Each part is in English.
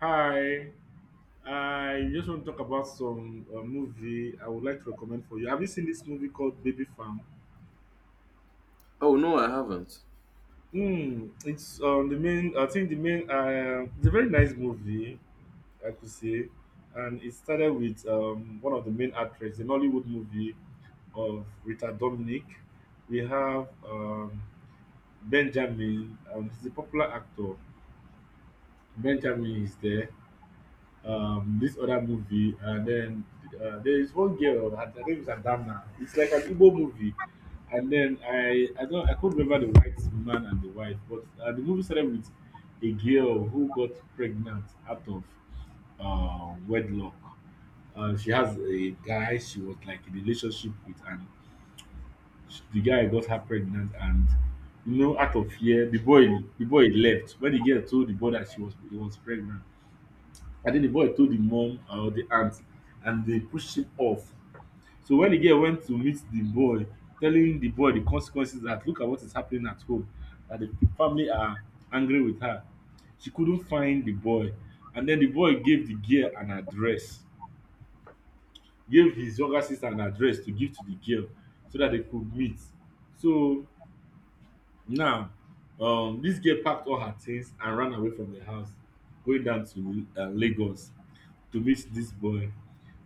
Hi, I just want to talk about some movie I would like to recommend for you. Have you seen this movie called Baby Farm? Oh no, I haven't. Mm, it's the main. I think the main. It's a very nice movie, I could say, and it started with one of the main actresses, an Hollywood movie of Rita Dominic. We have Benjamin. He's a popular actor. Benjamin is there. This other movie, and then there is one girl her name is Adamna. It's like an Igbo movie. And then I could not remember the white man and the wife, but the movie started with a girl who got pregnant out of wedlock. She has a guy she was like in a relationship with, and sh the guy got her pregnant. And you know, out of fear, the boy left when the girl told the boy that she was he was pregnant. Adeleboy told the mum or the aunt, and they pushed him off. So when the girl went to meet the boy, telling the boy the consequences that look at what is happening at home, that the family are angry with her, she couldn't find the boy. And then the boy gave the girl an address, gave his younger sister an address to give to the girl so that they could meet. So now, this girl packed all her things and ran away from the house, going down to Lagos to meet this boy.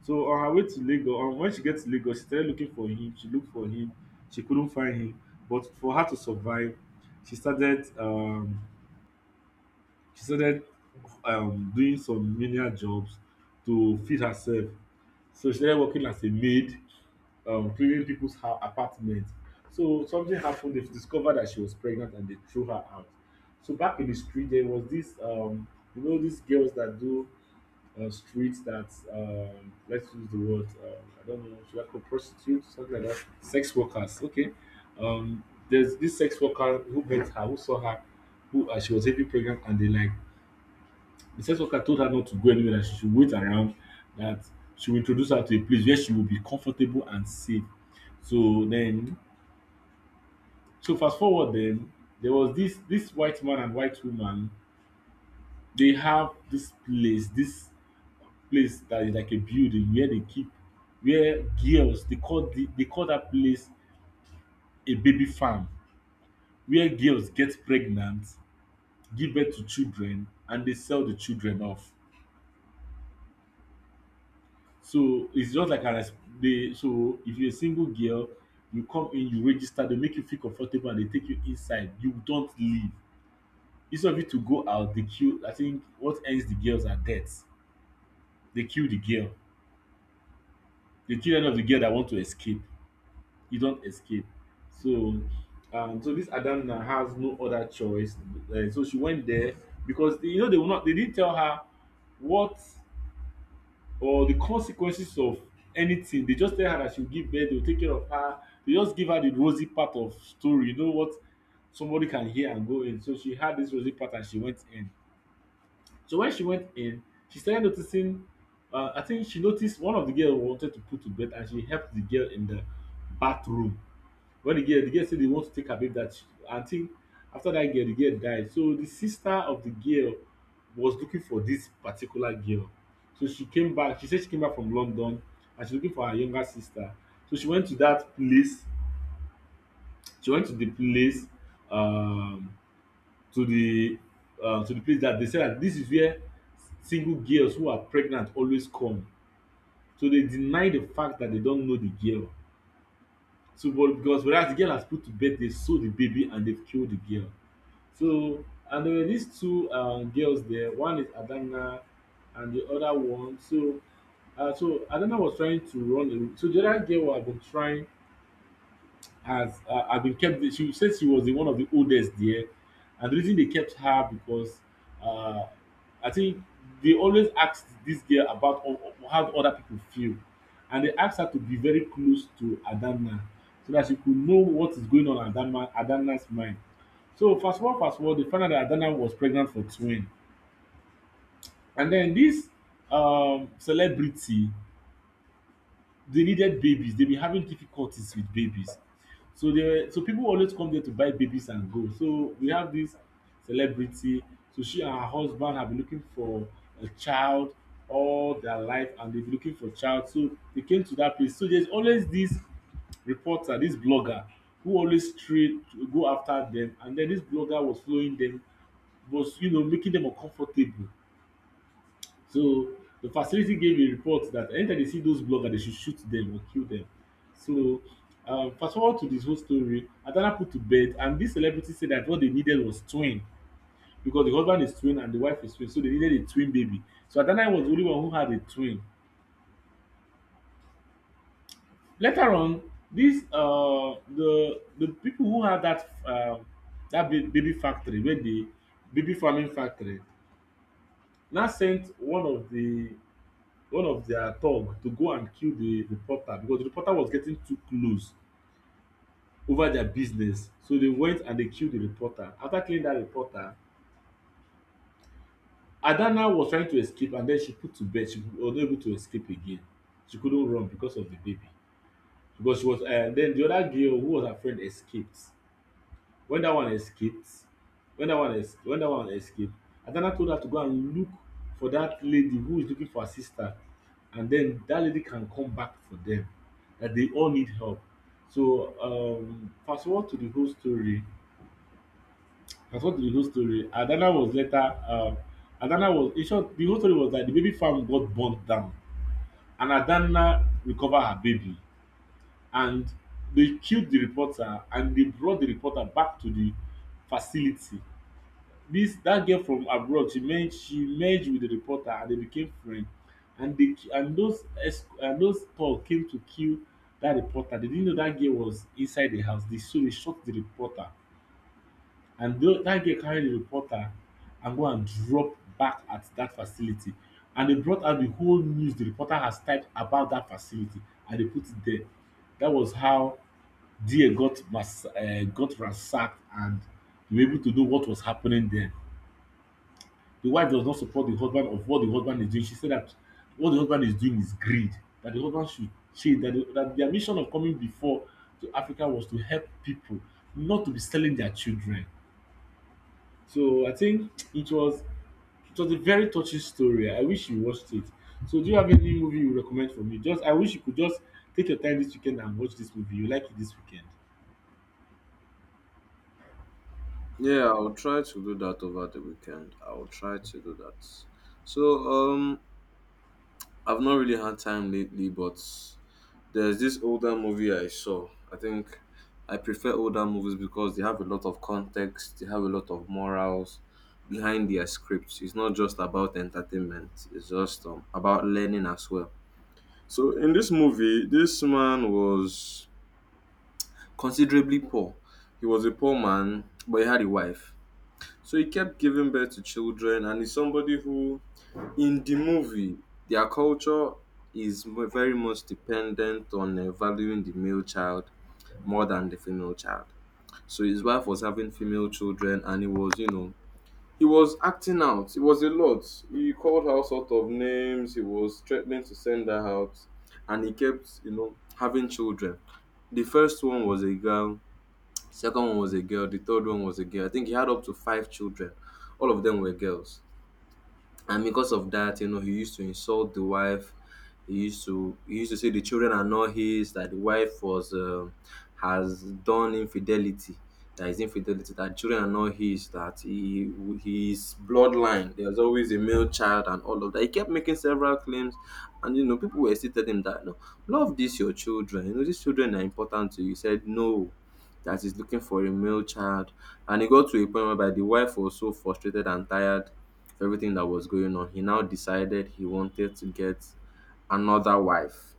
So on her way to Lagos, when she gets to Lagos, she started looking for him. She looked for him. She couldn't find him. But for her to survive, she started um, she started doing some menial jobs to feed herself. So she started working as a maid, cleaning people's apartment. So something happened. They discovered that she was pregnant, and they threw her out. So back in the street, there was this you know these girls that do street that let's use the word, I don't know, should I call prostitutes, something like that, sex workers, okay. um, there's this sex worker who met her, who saw her, who she was heavily pregnant, and they like the sex worker told her not to go anywhere, that she should wait around, that she will introduce her to a place where she will be comfortable and safe. So then, so fast forward, then there was this white man and white woman. They have this place, this place that is like a building where they keep, where girls, they call that place a baby farm, where girls get pregnant, give birth to children, and they sell the children off. So it's just like an they, so if you're a single girl, you come in, you register, they make you feel comfortable, and they take you inside, you don't leave. Instead of you to go out, they kill. I think what ends the girls are death. They kill the girl. They kill any of the girl that want to escape. You don't escape. So so this Adamna has no other choice. So she went there because they, you know they will not they didn't tell her what or the consequences of anything. They just tell her that she'll give birth, they'll take care of her. They just give her the rosy part of story. You know what somebody can hear and go in. So she had this rosy part, and she went in. So when she went in, she started noticing I think she noticed one of the girls wanted to put to bed, and she helped the girl in the bathroom. The girl said they want to take her babe, that she, I think after that girl, the girl died. So the sister of the girl was looking for this particular girl. So she came back. She said she came back from London, and she's looking for her younger sister. So she went to that place. She went to the place, um, to the to the place that they said that this is where single girls who are pregnant always come. So they deny the fact that they don't know the girl. So but because whereas the girl has put to bed, they sold the baby and they've killed the girl. So, and there were these two girls there. One is Adana, and the other one. So, so Adana was trying to run away. So the other girl had been trying has had been kept. She said she was the one of the oldest there, and the reason they kept her because uh, I think they always asked this girl about how other people feel, and they asked her to be very close to Adanna so that she could know what is going on in Adanna's mind. So fast forward, they found out that Adanna was pregnant for twin, and then this celebrity, they needed babies. They've been having difficulties with babies. So they were, so people always come there to buy babies and go. So we have this celebrity. So she and her husband have been looking for a child all their life, and they've been looking for child. So they came to that place. So there's always this reporter, this blogger, who always straight go after them, and then this blogger was following them, was you know making them uncomfortable. So the facility gave a report that anytime they see those bloggers, they should shoot them or kill them. So fast forward to this whole story, Adana put to bed, and this celebrity said that what they needed was twin because the husband is twin and the wife is twin, so they needed a twin baby. So Adana was the only one who had a twin. Later on, this the people who had that baby factory, where the baby farming factory, now sent one of their thug to go and kill the reporter because the reporter was getting too close over their business. So they went and they killed the reporter. After killing that reporter, Adana was trying to escape, and then she put to bed. She was not able to escape again. She couldn't run because of the baby. Because she was, then the other girl who was her friend escaped. When that one escaped, when that one escaped, Adana told her to go and look for that lady who is looking for her sister, and then that lady can come back for them. That they all need help. So fast forward to the whole story. Fast forward to the whole story. Adana was later. Adana was in short. The whole story was that the baby farm got burnt down, and Adana recovered her baby, and they killed the reporter, and they brought the reporter back to the facility. Dis dat girl from abroad, she merge wit di reporter and dey became friend, and dey, and those talk came to kill dat reporter. Dey didn't know dat girl was inside di house. They, so dey shot di reporter, and dat girl carry di reporter and go and drop back at dat facility, and dey brought out di whole news di reporter has typed about dat facility, and dey put it there. Dat was how dia got ransacked, and we were able to know what was happening there. The wife does not support the husband of what the husband is doing. She said that what the husband is doing is greed, that the husband should change, that their mission of coming before to Africa was to help people, not to be selling their children. So I think it was, it was a very touching story. I wish you watched it. So do you have any movie you recommend for me? Just I wish you could just take your time this weekend and watch this movie. You like it this weekend. Yeah, I'll try to do that over the weekend. I'll try to do that. So, um, I've not really had time lately, but there's this older movie I saw. I think I prefer older movies because they have a lot of context, they have a lot of morals behind their scripts. It's not just about entertainment, it's just about learning as well. So, in this movie, this man was considerably poor. He was a poor man, but he had a wife. So he kept giving birth to children, and he's somebody who, in the movie, their culture is very much dependent on valuing the male child more than the female child. So his wife was having female children, and he was acting out. It was a lot. He called her all sort of names. He was threatening to send her out, and he kept having children. The first one was a girl. Second one was a girl. The third one was a girl. I think he had up to five children. All of them were girls, and because of that he used to insult the wife. He used to say the children are not his, that the wife was has done infidelity, that is infidelity, that children are not his, that he, his bloodline, there's always a male child, and all of that. He kept making several claims, and people were still telling him that no, love these your children, these children are important to you. He said no, that he's looking for a male child. And he got to a point whereby the wife was so frustrated and tired. For everything that was going on, he now decided he wanted to get another wife.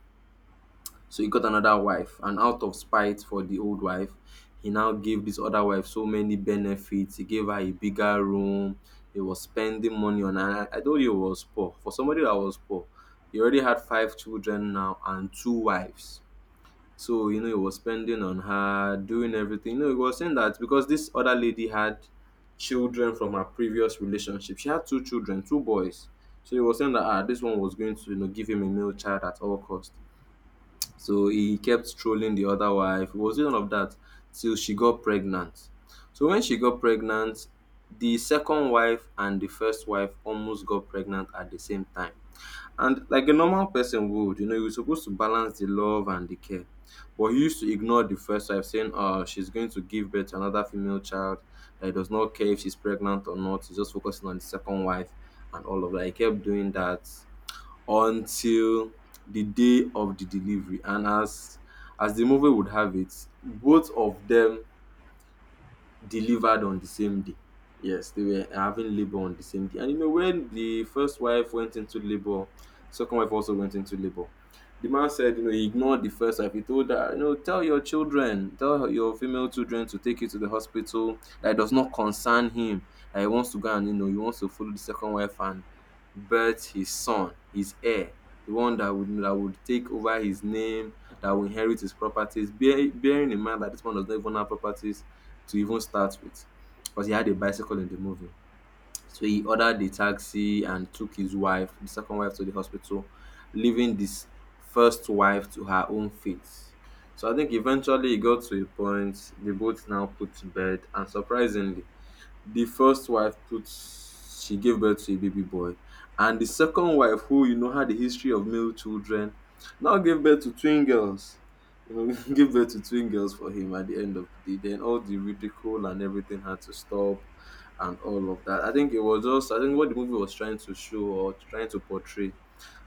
So he got another wife, and out of spite for the old wife, he now gave this other wife so many benefits. He gave her a bigger room. He was spending money on her. I told you he was poor. For somebody that was poor, he already had five children now and two wives. So, he was spending on her, doing everything. He was saying that because this other lady had children from her previous relationship. She had two children, two boys. So he was saying that ah, this one was going to give him a male child at all cost. So he kept trolling the other wife. It was none of that till she got pregnant. So when she got pregnant, the second wife and the first wife almost got pregnant at the same time. And like a normal person would, you're supposed to balance the love and the care. But he used to ignore the first wife, saying, "Oh, she's going to give birth to another female child." That he does not care if she's pregnant or not. He's just focusing on the second wife and all of that. He kept doing that until the day of the delivery. And as the movie would have it, both of them delivered on the same day. Yes, they were having labor on the same day. And when the first wife went into labor, second wife also went into labor. The man said he ignored the first wife. He told her, tell your children, tell your female children to take you to the hospital. That it does not concern him. That he wants to go and he wants to follow the second wife and birth his son, his heir, the one that would take over his name, that will inherit his properties, bearing in mind that this man does not even have properties to even start with, because he had a bicycle in the movie. So he ordered the taxi and took his wife, the second wife, to the hospital, leaving this first wife to her own fate. So I think eventually it got to a point they both now put to bed, and surprisingly, the first wife put she gave birth to a baby boy, and the second wife who had a history of male children now gave birth to twin girls, gave birth to twin girls for him. At the end of the day, then all the ridicule and everything had to stop, and all of that. I think it was just, I think what the movie was trying to show or trying to portray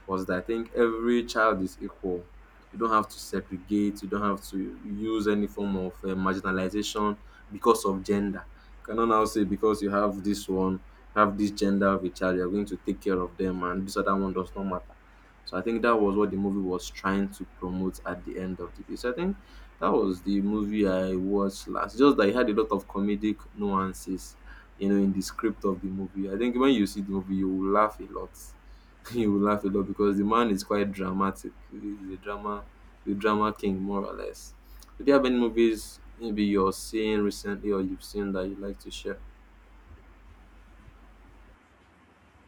was that I think every child is equal. You don't have to segregate, you don't have to use any form of marginalization because of gender. You cannot now say because you have this one, you have this gender of a child, you're going to take care of them, and this other one does not matter. So I think that was what the movie was trying to promote at the end of the day. So I think that was the movie I watched last. Just that it had a lot of comedic nuances, in the script of the movie. I think when you see the movie, you will laugh a lot. You will laugh a lot because the man is quite dramatic. He's a drama, the drama king, more or less. Do you have any movies maybe you're seeing recently or you've seen that you'd like to share?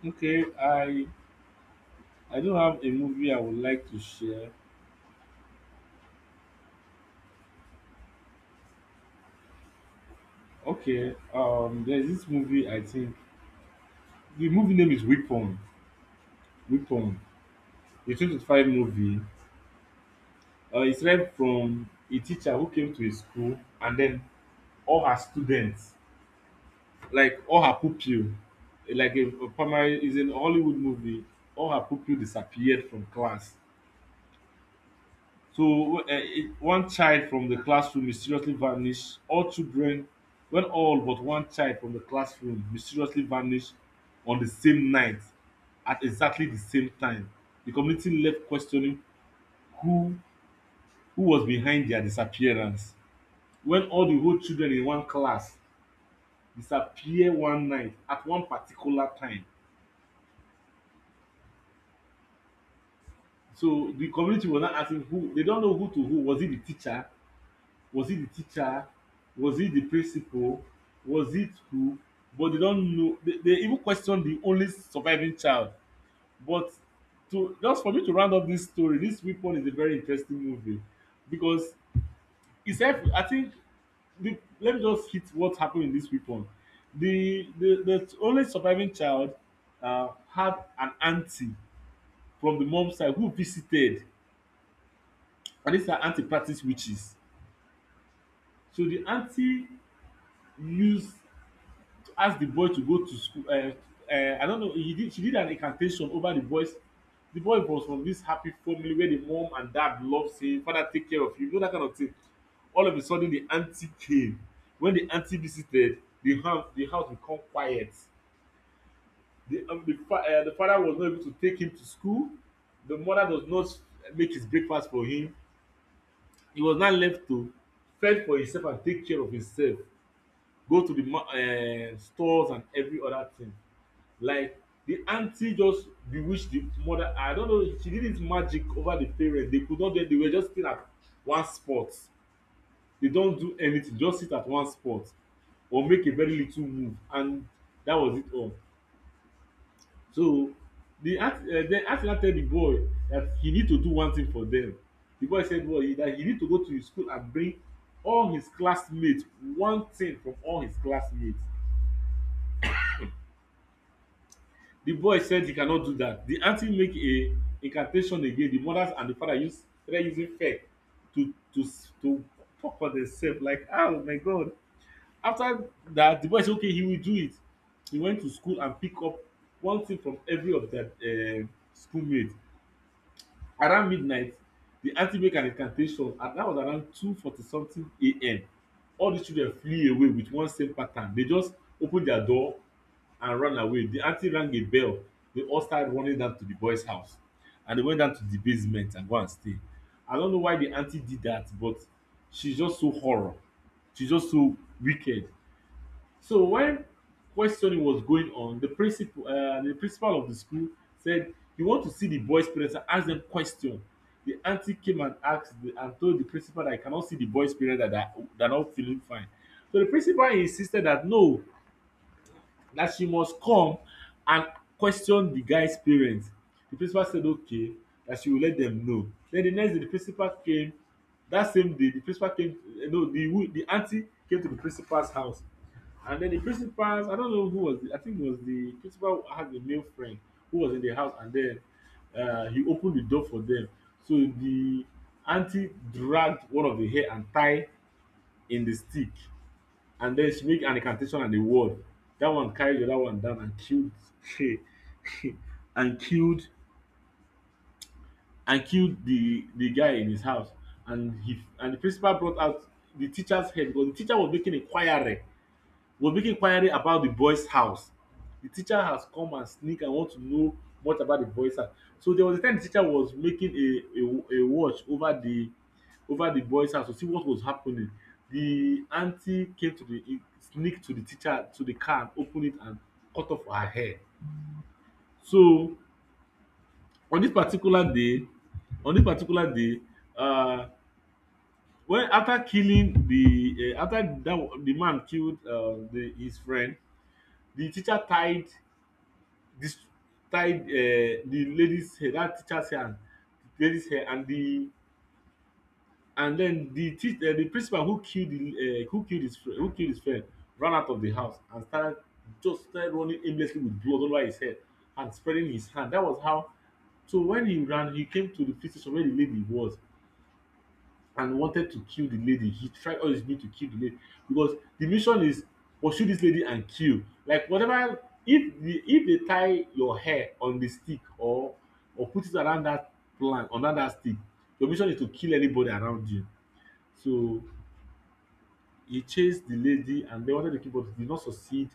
Okay, I do have a movie I would like to share. Okay, there's this movie I think. The movie name is Weapon. Weapon. The twenty-five movie. It's read from a teacher who came to a school, and then all her students, like all her pupil, like a primary, is an Hollywood movie, all her pupil disappeared from class. So one child from the classroom mysteriously vanished. All but one child from the classroom mysteriously vanished on the same night at exactly the same time. The community left questioning who who was behind their disappearance when all the whole children in one class disappear one night at one particular time. So the community was now asking who they don't know who to who. Was it the teacher? Was it the teacher? Was it the principal? Was it who? But they don't know. They even questioned the only surviving child. But to just for me to round up this story, this weapon is a very interesting movie because itself I think the let me just hit what happened in this week one. The only surviving child had an aunty from the mom side who visited, and this her aunty practice witches. So the aunty use asked the boy to go to school. I don't know. He did. She did an incantation over the boy's. The boy was from this happy family where the mom and dad loves him. Father take care of him. You know that kind of thing. All of a sudden, the auntie came. When the auntie visited, the house become quiet. The father was not able to take him to school. The mother does not make his breakfast for him. He was now left to fend for himself and take care of himself. Go to the stores and every other thing, like the aunty just bewitch the mother. I don't know, she did it magic over the parents. They could not do it. They were just sitting at one spot. They don't do anything, just sit at one spot or make a very little move, and that was it all. So then aunty now tell the boy that he need to do one thing for them. The boy said, well, that he need to go to his school and bring all his classmates one thing from all his classmates. The boy said he cannot do that. The aunty make a incantation again. The mother and the father use started using fear to talk on themselves, like, oh my god. After that, the boy say okay, he will do it. He went to school and pick up one thing from every of their schoolmate. Around midnight the aunty make an incantation, and that was around 2:40 something a.m. All these children flew away with one same pattern. They just open their door and ran away. The aunty rang a bell. They all started running down to the boys house, and they went down to the basement and go and stay. I don't know why the aunty did that, but she's just so horror. She's just so wicked. So when questioning was going on, the principal of the school said he want to see the boys' parents and ask them question. The aunty came and and told the principal that I cannot see the boys' parents, that they are not feeling fine. So the principal insisted that no, that she must come and question the guy's parents. The principal said okay, that she will let them know. Then the next day the principal came. That same day the principal came, no, the aunty came to the principal's house. And then the principal's I don't know who was the I think it was the principal had a male friend who was in the house, and then he opened the door for them. So the aunty dragged one of the hair and tie in the stick, and then she make an incantation and a word. That one carried the other one down and killed and killed and killed the guy in his house. And he and the principal brought out the teacher's head because the teacher was making a choir was making inquiry about the boy's house. The teacher has come and sneak and want to know much about the boy's house. So there was a time the teacher was making a watch over the boy's house to see what was happening. The aunty came to the in sneak to the teacher to the car and open it and cut off her hair. So on this particular day on this particular day, um when after that the man killed, the his friend, the teacher tied dis tie the lady's hair, that teacher's hair and lady's hair, and the and then the teach the principal who kill the who kill his friend, ran out of the house and started just started running aimlessly with blood all over his head and spreading his hand. That was how. So when he ran he came to the police station where the lady was, and wanted to kill the lady. He tried all his being to kill the lady because the mission is pursue this lady and kill. Like whatever, if the if they tie your hair on the stick, or put it around that plant under that stick, your mission is to kill anybody around you. So he chased the lady and they wanted to kill, but he did not succeed.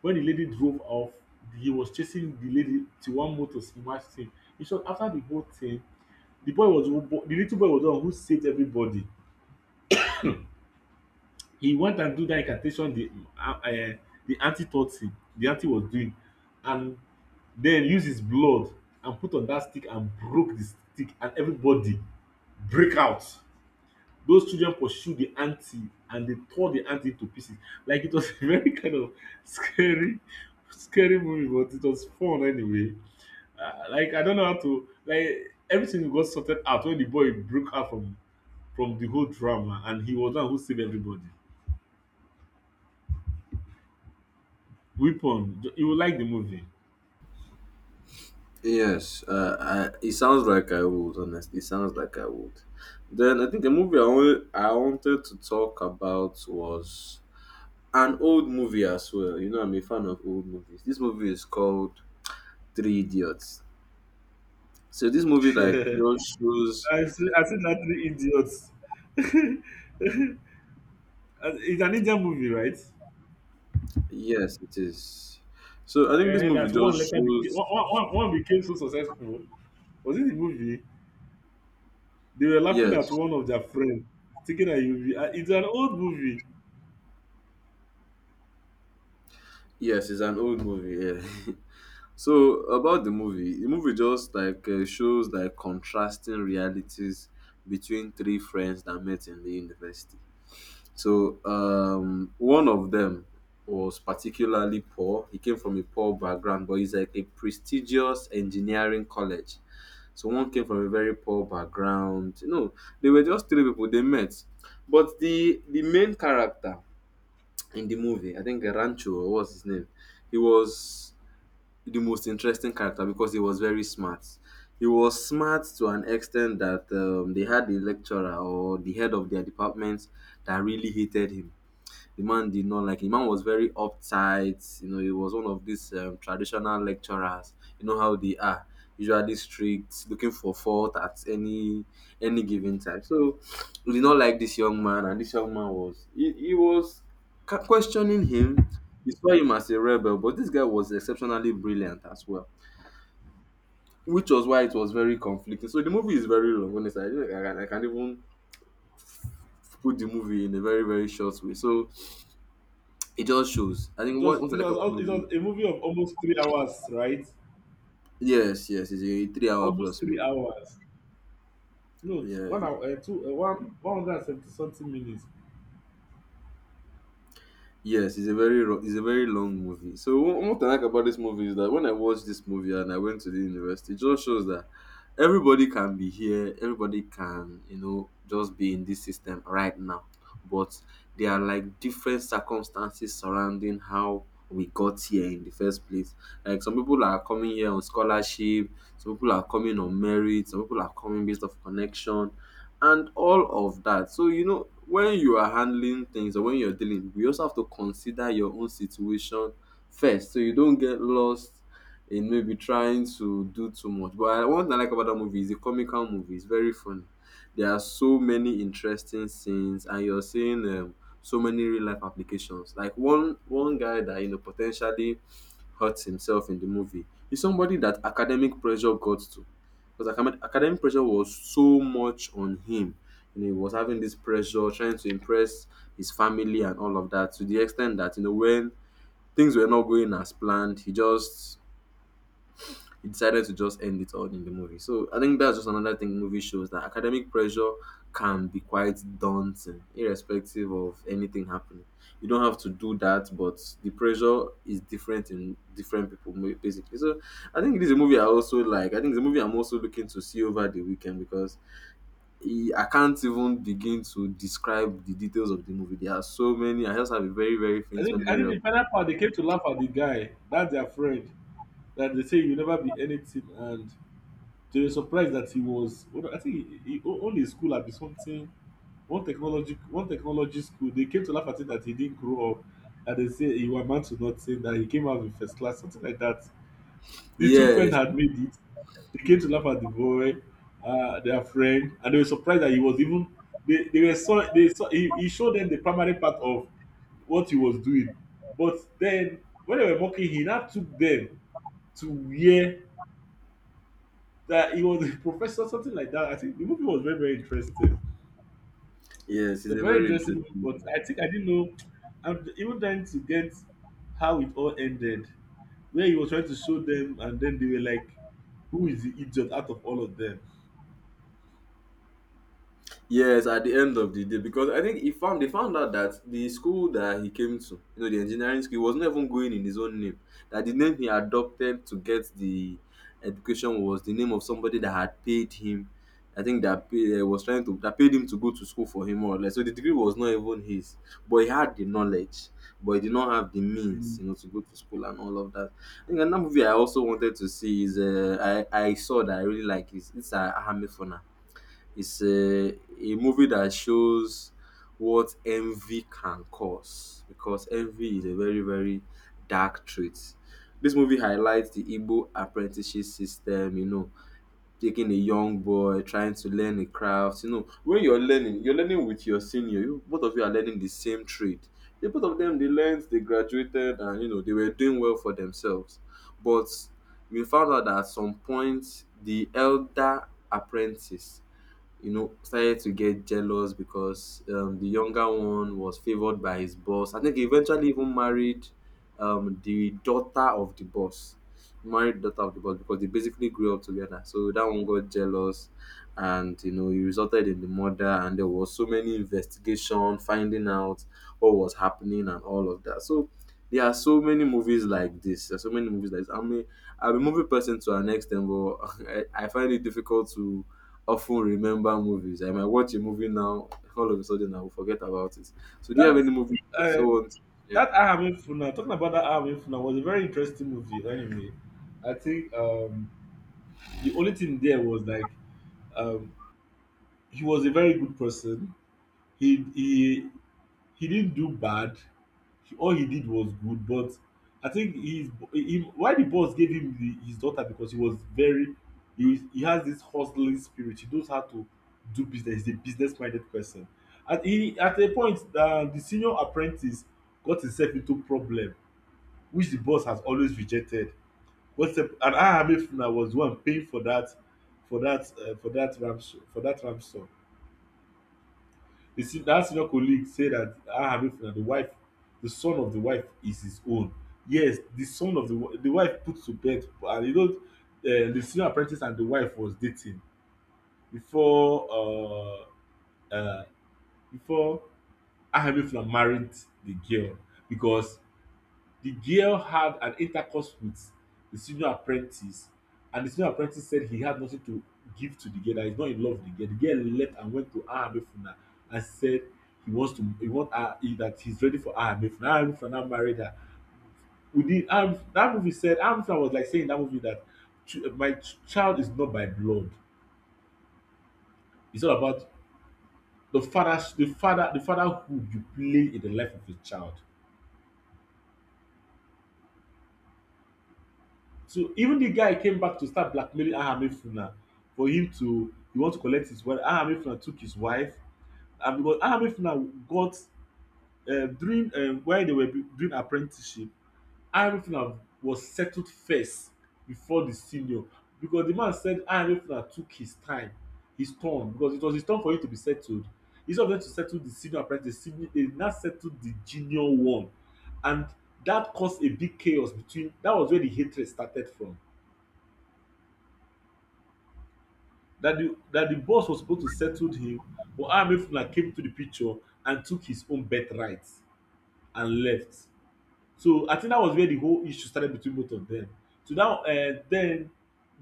When the lady drove off, he was chasing the lady till one motor smashed him. In short, after the whole thing, the little boy was the one who saved everybody. He went and do that incantation uh, eh, the auntie taught him, the auntie was doing, and then use his blood and put on that stick and broke the stick, and everybody break out. Those children pursued the auntie and they tore the auntie to pieces. Like it was a very kind of scary, scary movie, but it was fun anyway. Like I don't know how to like everything got sorted out when the boy broke out from the whole drama, and he was the one who saved everybody. Weapon. You will like the movie. Yes, it sounds like I would, honestly. It sounds like I would. Then I think the movie I wanted to talk about was an old movie as well. I'm a fan of old movies. This movie is called Three Idiots. So this movie like I just shows. see. I see that three idiots. It's an Indian movie, right? Yes, it is. So I think this Yeah, movie that one just later became shows. One, became so successful. Was it the movie? They were laughing Yes, at one of their friends, thinking that it's an old movie. yes, it's an old movie. Yeah. So about the movie, just like shows like contrasting realities between three friends that met in the university. So one of them was particularly poor. He came from a poor background, but he's like a prestigious engineering college. So one came from a very poor background. They were just three people they met. But the main character in the movie, I think Rancho or what's his name, he was the most interesting character because he was very smart. He was smart to an extent that they had the lecturer or the head of their department that really hated him. The man did not like it. The man was very uptight. He was one of these traditional lecturers. You know how they are usually strict, looking for fault at any given time. So we did not like this young man, and this young man was questioning him. He saw him as a rebel, but this guy was exceptionally brilliant as well, which was why it was very conflicting. So the movie is very long. Honestly, I can't even put the movie in a very very short way. So it just shows. I think what Just what I like about the it movie. was a movie of almost 3 hours, right? Yes, yes, it's a three-hour Almost plus three movie. hours. No, Yeah, 1 hour, two, one, 170 something minutes. yes, it's a very long movie. So one I like about this movie is that when I watched this movie and I went to the university, it just shows that everybody can be here, everybody can just be in this system right now, but there are like different circumstances surrounding how we got here in the first place. Like some people are coming here on scholarship, some people are coming on merit, some people are coming based off connection and all of that. So, when you are handling things or when you're dealing, we also have to consider your own situation first so you don't get lost in maybe trying to do too much. But one thing I like about that movie is the comical movie, it's very funny. There are so many interesting scenes, and you're seeing so many real life applications. Like one guy that potentially hurts himself in the movie is somebody that academic pressure got to because academic pressure was so much on him. He was having this pressure, trying to impress his family and all of that, to the extent that when things were not going as planned, he decided to just end it all in the movie. So I think that's just another thing movie shows that academic pressure can be quite daunting, irrespective of anything happening. You don't have to do that, but the pressure is different in different people, basically. So I think it is a movie I also like. I think it's a movie I'm also looking to see over the weekend because I can't even begin to describe the details of the movie. There are so many. I just have a very, very faint I memory think of. the final part they came to laugh at the guy. That's their friend. That they say you never be anything. And they were surprised that he was, I think he owned his school at something. One technology school they came to laugh at it, that he didn't grow up. And they say he was amount to nothing, that he came out in first class something like that. The two friends Yes, had made it. They came to laugh at the boy, their friend, and they were surprised that he was even. They were so, they saw he showed them the primary part of what he was doing. But then, when they were mocking, he now took them to where that he was a professor, something like that. I think the movie was very, very interesting. yes, It's a it's a very very interesting interesting movie, but movie. I think I didn't know. I'm even trying to get how it all ended, where he was trying to show them, and then they were like, "Who is the idiot out of all of them?" Yes, at the end of the day, because I think he found they found out that the school that he came to, you know, the engineering school, was not even going in his own name. That the name he adopted to get the education was the name of somebody that had paid him. I think that pay, was trying to that paid him to go to school for him or less. So the degree was not even his, but he had the knowledge, but he did not have the means, Mm. you know, to go to school and all of that. I think another movie I also wanted to see is I saw that I really like is it's Ahamefuna. It's a movie that shows what envy can cause because envy is a very, very dark trait. This movie highlights the Igbo apprenticeship system, you know, taking a young boy, trying to learn a craft. You know, when you're learning with your senior. You, both of you are learning the same trade. The both of them, they learned, they graduated, and, you know, they were doing well for themselves. But we found out that at some point, the elder apprentice, you know, started to get jealous because the younger one was favored by his boss. I think he eventually even married the daughter of the boss. Married daughter of the boss because they basically grew up together. So that one got jealous, and you know, it resulted in the murder. And there was so many investigation, finding out what was happening and all of that. So there are so many movies like this. There are so many movies like this. I mean, I'm a movie person to an extent, but I find it difficult to often remember movies. I might watch a movie now, all of a sudden I will forget about it. So do you have That any movie you also uh, want? Yeah. that I haven't funa talking about, that I haven't funa was a very interesting movie. Anyway, I think the only thing there was like, um, he was a very good person. He he he didn't do bad. All he did was good, but I think his him why the boss gave him his daughter, because he was very, he has this hustling spirit. He knows how to do business. He's a business minded person. And he at a point, the senior apprentice got himself into problem which the boss has always rejected. What's up. And ahamefuna was the one paying for that ransom. That senior colleague said that, Habib Finna, the wife, the son of the wife is his own. Yes, the son of the wife put to bed, and the senior apprentice and the wife was dating before uh, uh, before Habib Finna married the girl, because the girl had an intercourse with the senior apprentice, and the senior apprentice said he had nothing to give to the girl, that he's not in love with the girl. The girl left and went to Ahmefuna and said he wants to he want her he, that he's ready for Ahmefuna. Ahmefuna now married her. Within that movie said Ahmefuna was like saying in that movie that ch my ch child is not by blood. It's all about the fatherhood you play in the life of a child. So even the guy came back to start blackmailing Ayahamefuna for him to he want to collect his wife. Ayahamefuna took his wife, and because Ayahamefuna got during while they were doing apprenticeship, Ayahamefuna was settled first before the senior because the man said Ayahamefuna took his time, his turn because it was his turn for him to be settled. Instead of them to settle the senior apprentice, the senior, they now settled the junior one, and that caused a big chaos between. That was where the hatred started from, that the boss was supposed to settle him, but Amefuna came to the picture and took his own birthright and left. So I think that was where the whole issue started between both of them. So now then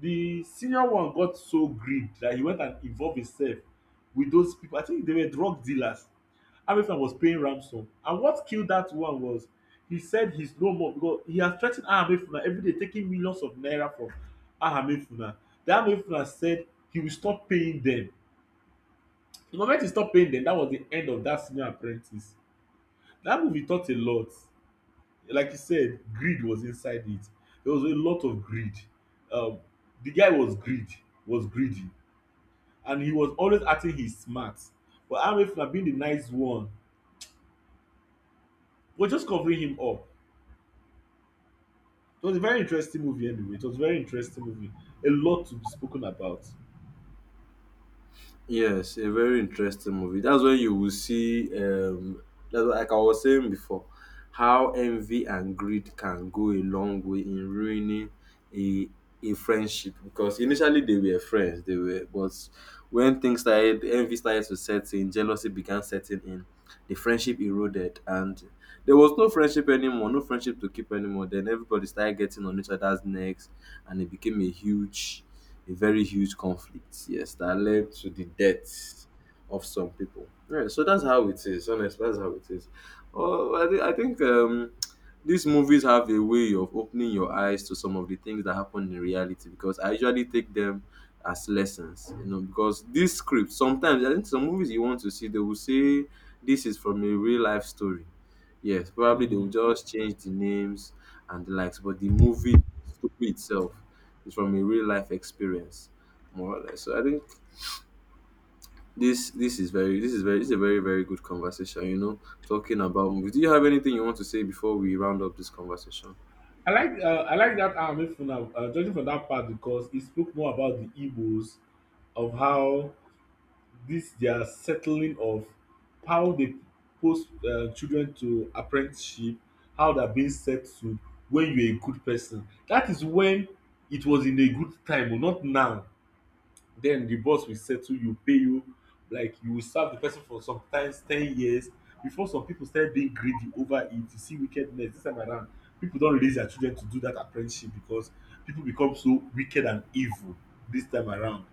the senior one got so greed that he went and involve himself with those people. I think they were drug dealers. Hamilton was paying ransom, and what killed that one was he said he's no more because he has threa ten Hamilton everyday taking millions of naira from Hamilton. Then Hamilton said he will stop paying them. The moment he stop paying them, that was the end of that senior apprentice. That movie taught a lot. Like you said, greed was inside it. There was a lot of greed. Um, the guy was greed, was greedy, and he was always acting his smart. But Amefla, being the nice one, was just covering him up. It was a very interesting movie, anyway. It was a very interesting movie. A lot to be spoken about. Yes, a very interesting movie. That's when you will see, like I was saying before, how envy and greed can go a long way in ruining a a friendship. Because initially they were friends, they were, but when things started, envy started to set in, jealousy began setting in, the friendship eroded, and there was no friendship anymore, no friendship to keep anymore. Then everybody started getting on each other's necks, and it became a very huge conflict, yes, that led to the deaths of some people. Right, so that's how it is. Honestly, that's how it is. Oh, I think these movies have a way of opening your eyes to some of the things that happen in reality because I usually take them as lessons, you know, because these scripts sometimes I think some movies you want to see they will say this is from a real life story. Yes, probably they will Mm. just change the names and the likes, but the story itself it's from a real life experience, more or less. So I think this is a very very good conversation. You know, talking about movies. Do you have anything you want to say before we round up this conversation? I like that Amefla, judging from that part because he spoke more about the Igbos, of how this their settling of how they post children to apprenticeship, how they're being settled when you're a good person. That is when it was in a good time, but not now. Then the boss will settle you, pay you, like you will serve the person for sometimes 10 years before some people start being greedy over it. You see wickedness this time around. People don't release their children to do that apprenticeship because people become so wicked and evil this time around.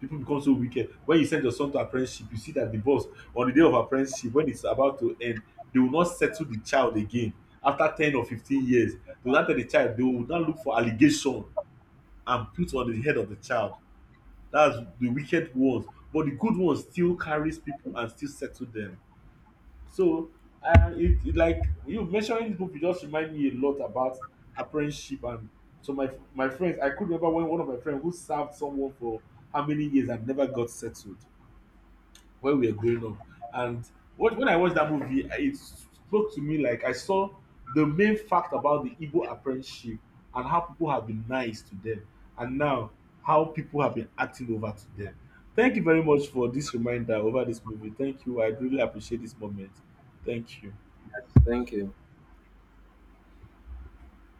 People become so wicked. When you send your son to apprenticeship, you see that the boss on the day of apprenticeship, when it's about to end, they will not settle the child again. After 10 or 15 years, they will now tell the child, they will now look for allegation and put on the head of the child. That's the wicked ones, but the good ones still carries people and still settle them. So it like you mentioning this book, movie just remind me a lot about apprenticeship. And so my friends, I could remember when one of my friends who served someone for how many years and never got settled when we were growing up. And when I watched that movie, it spoke to me like I saw the main fact about the Igbo apprenticeship, and how people have been nice to them, and now how people have been acting over to them. Thank you very much for this reminder over this movie. Thank you. I really appreciate this moment. Thank you. Yes, thank you.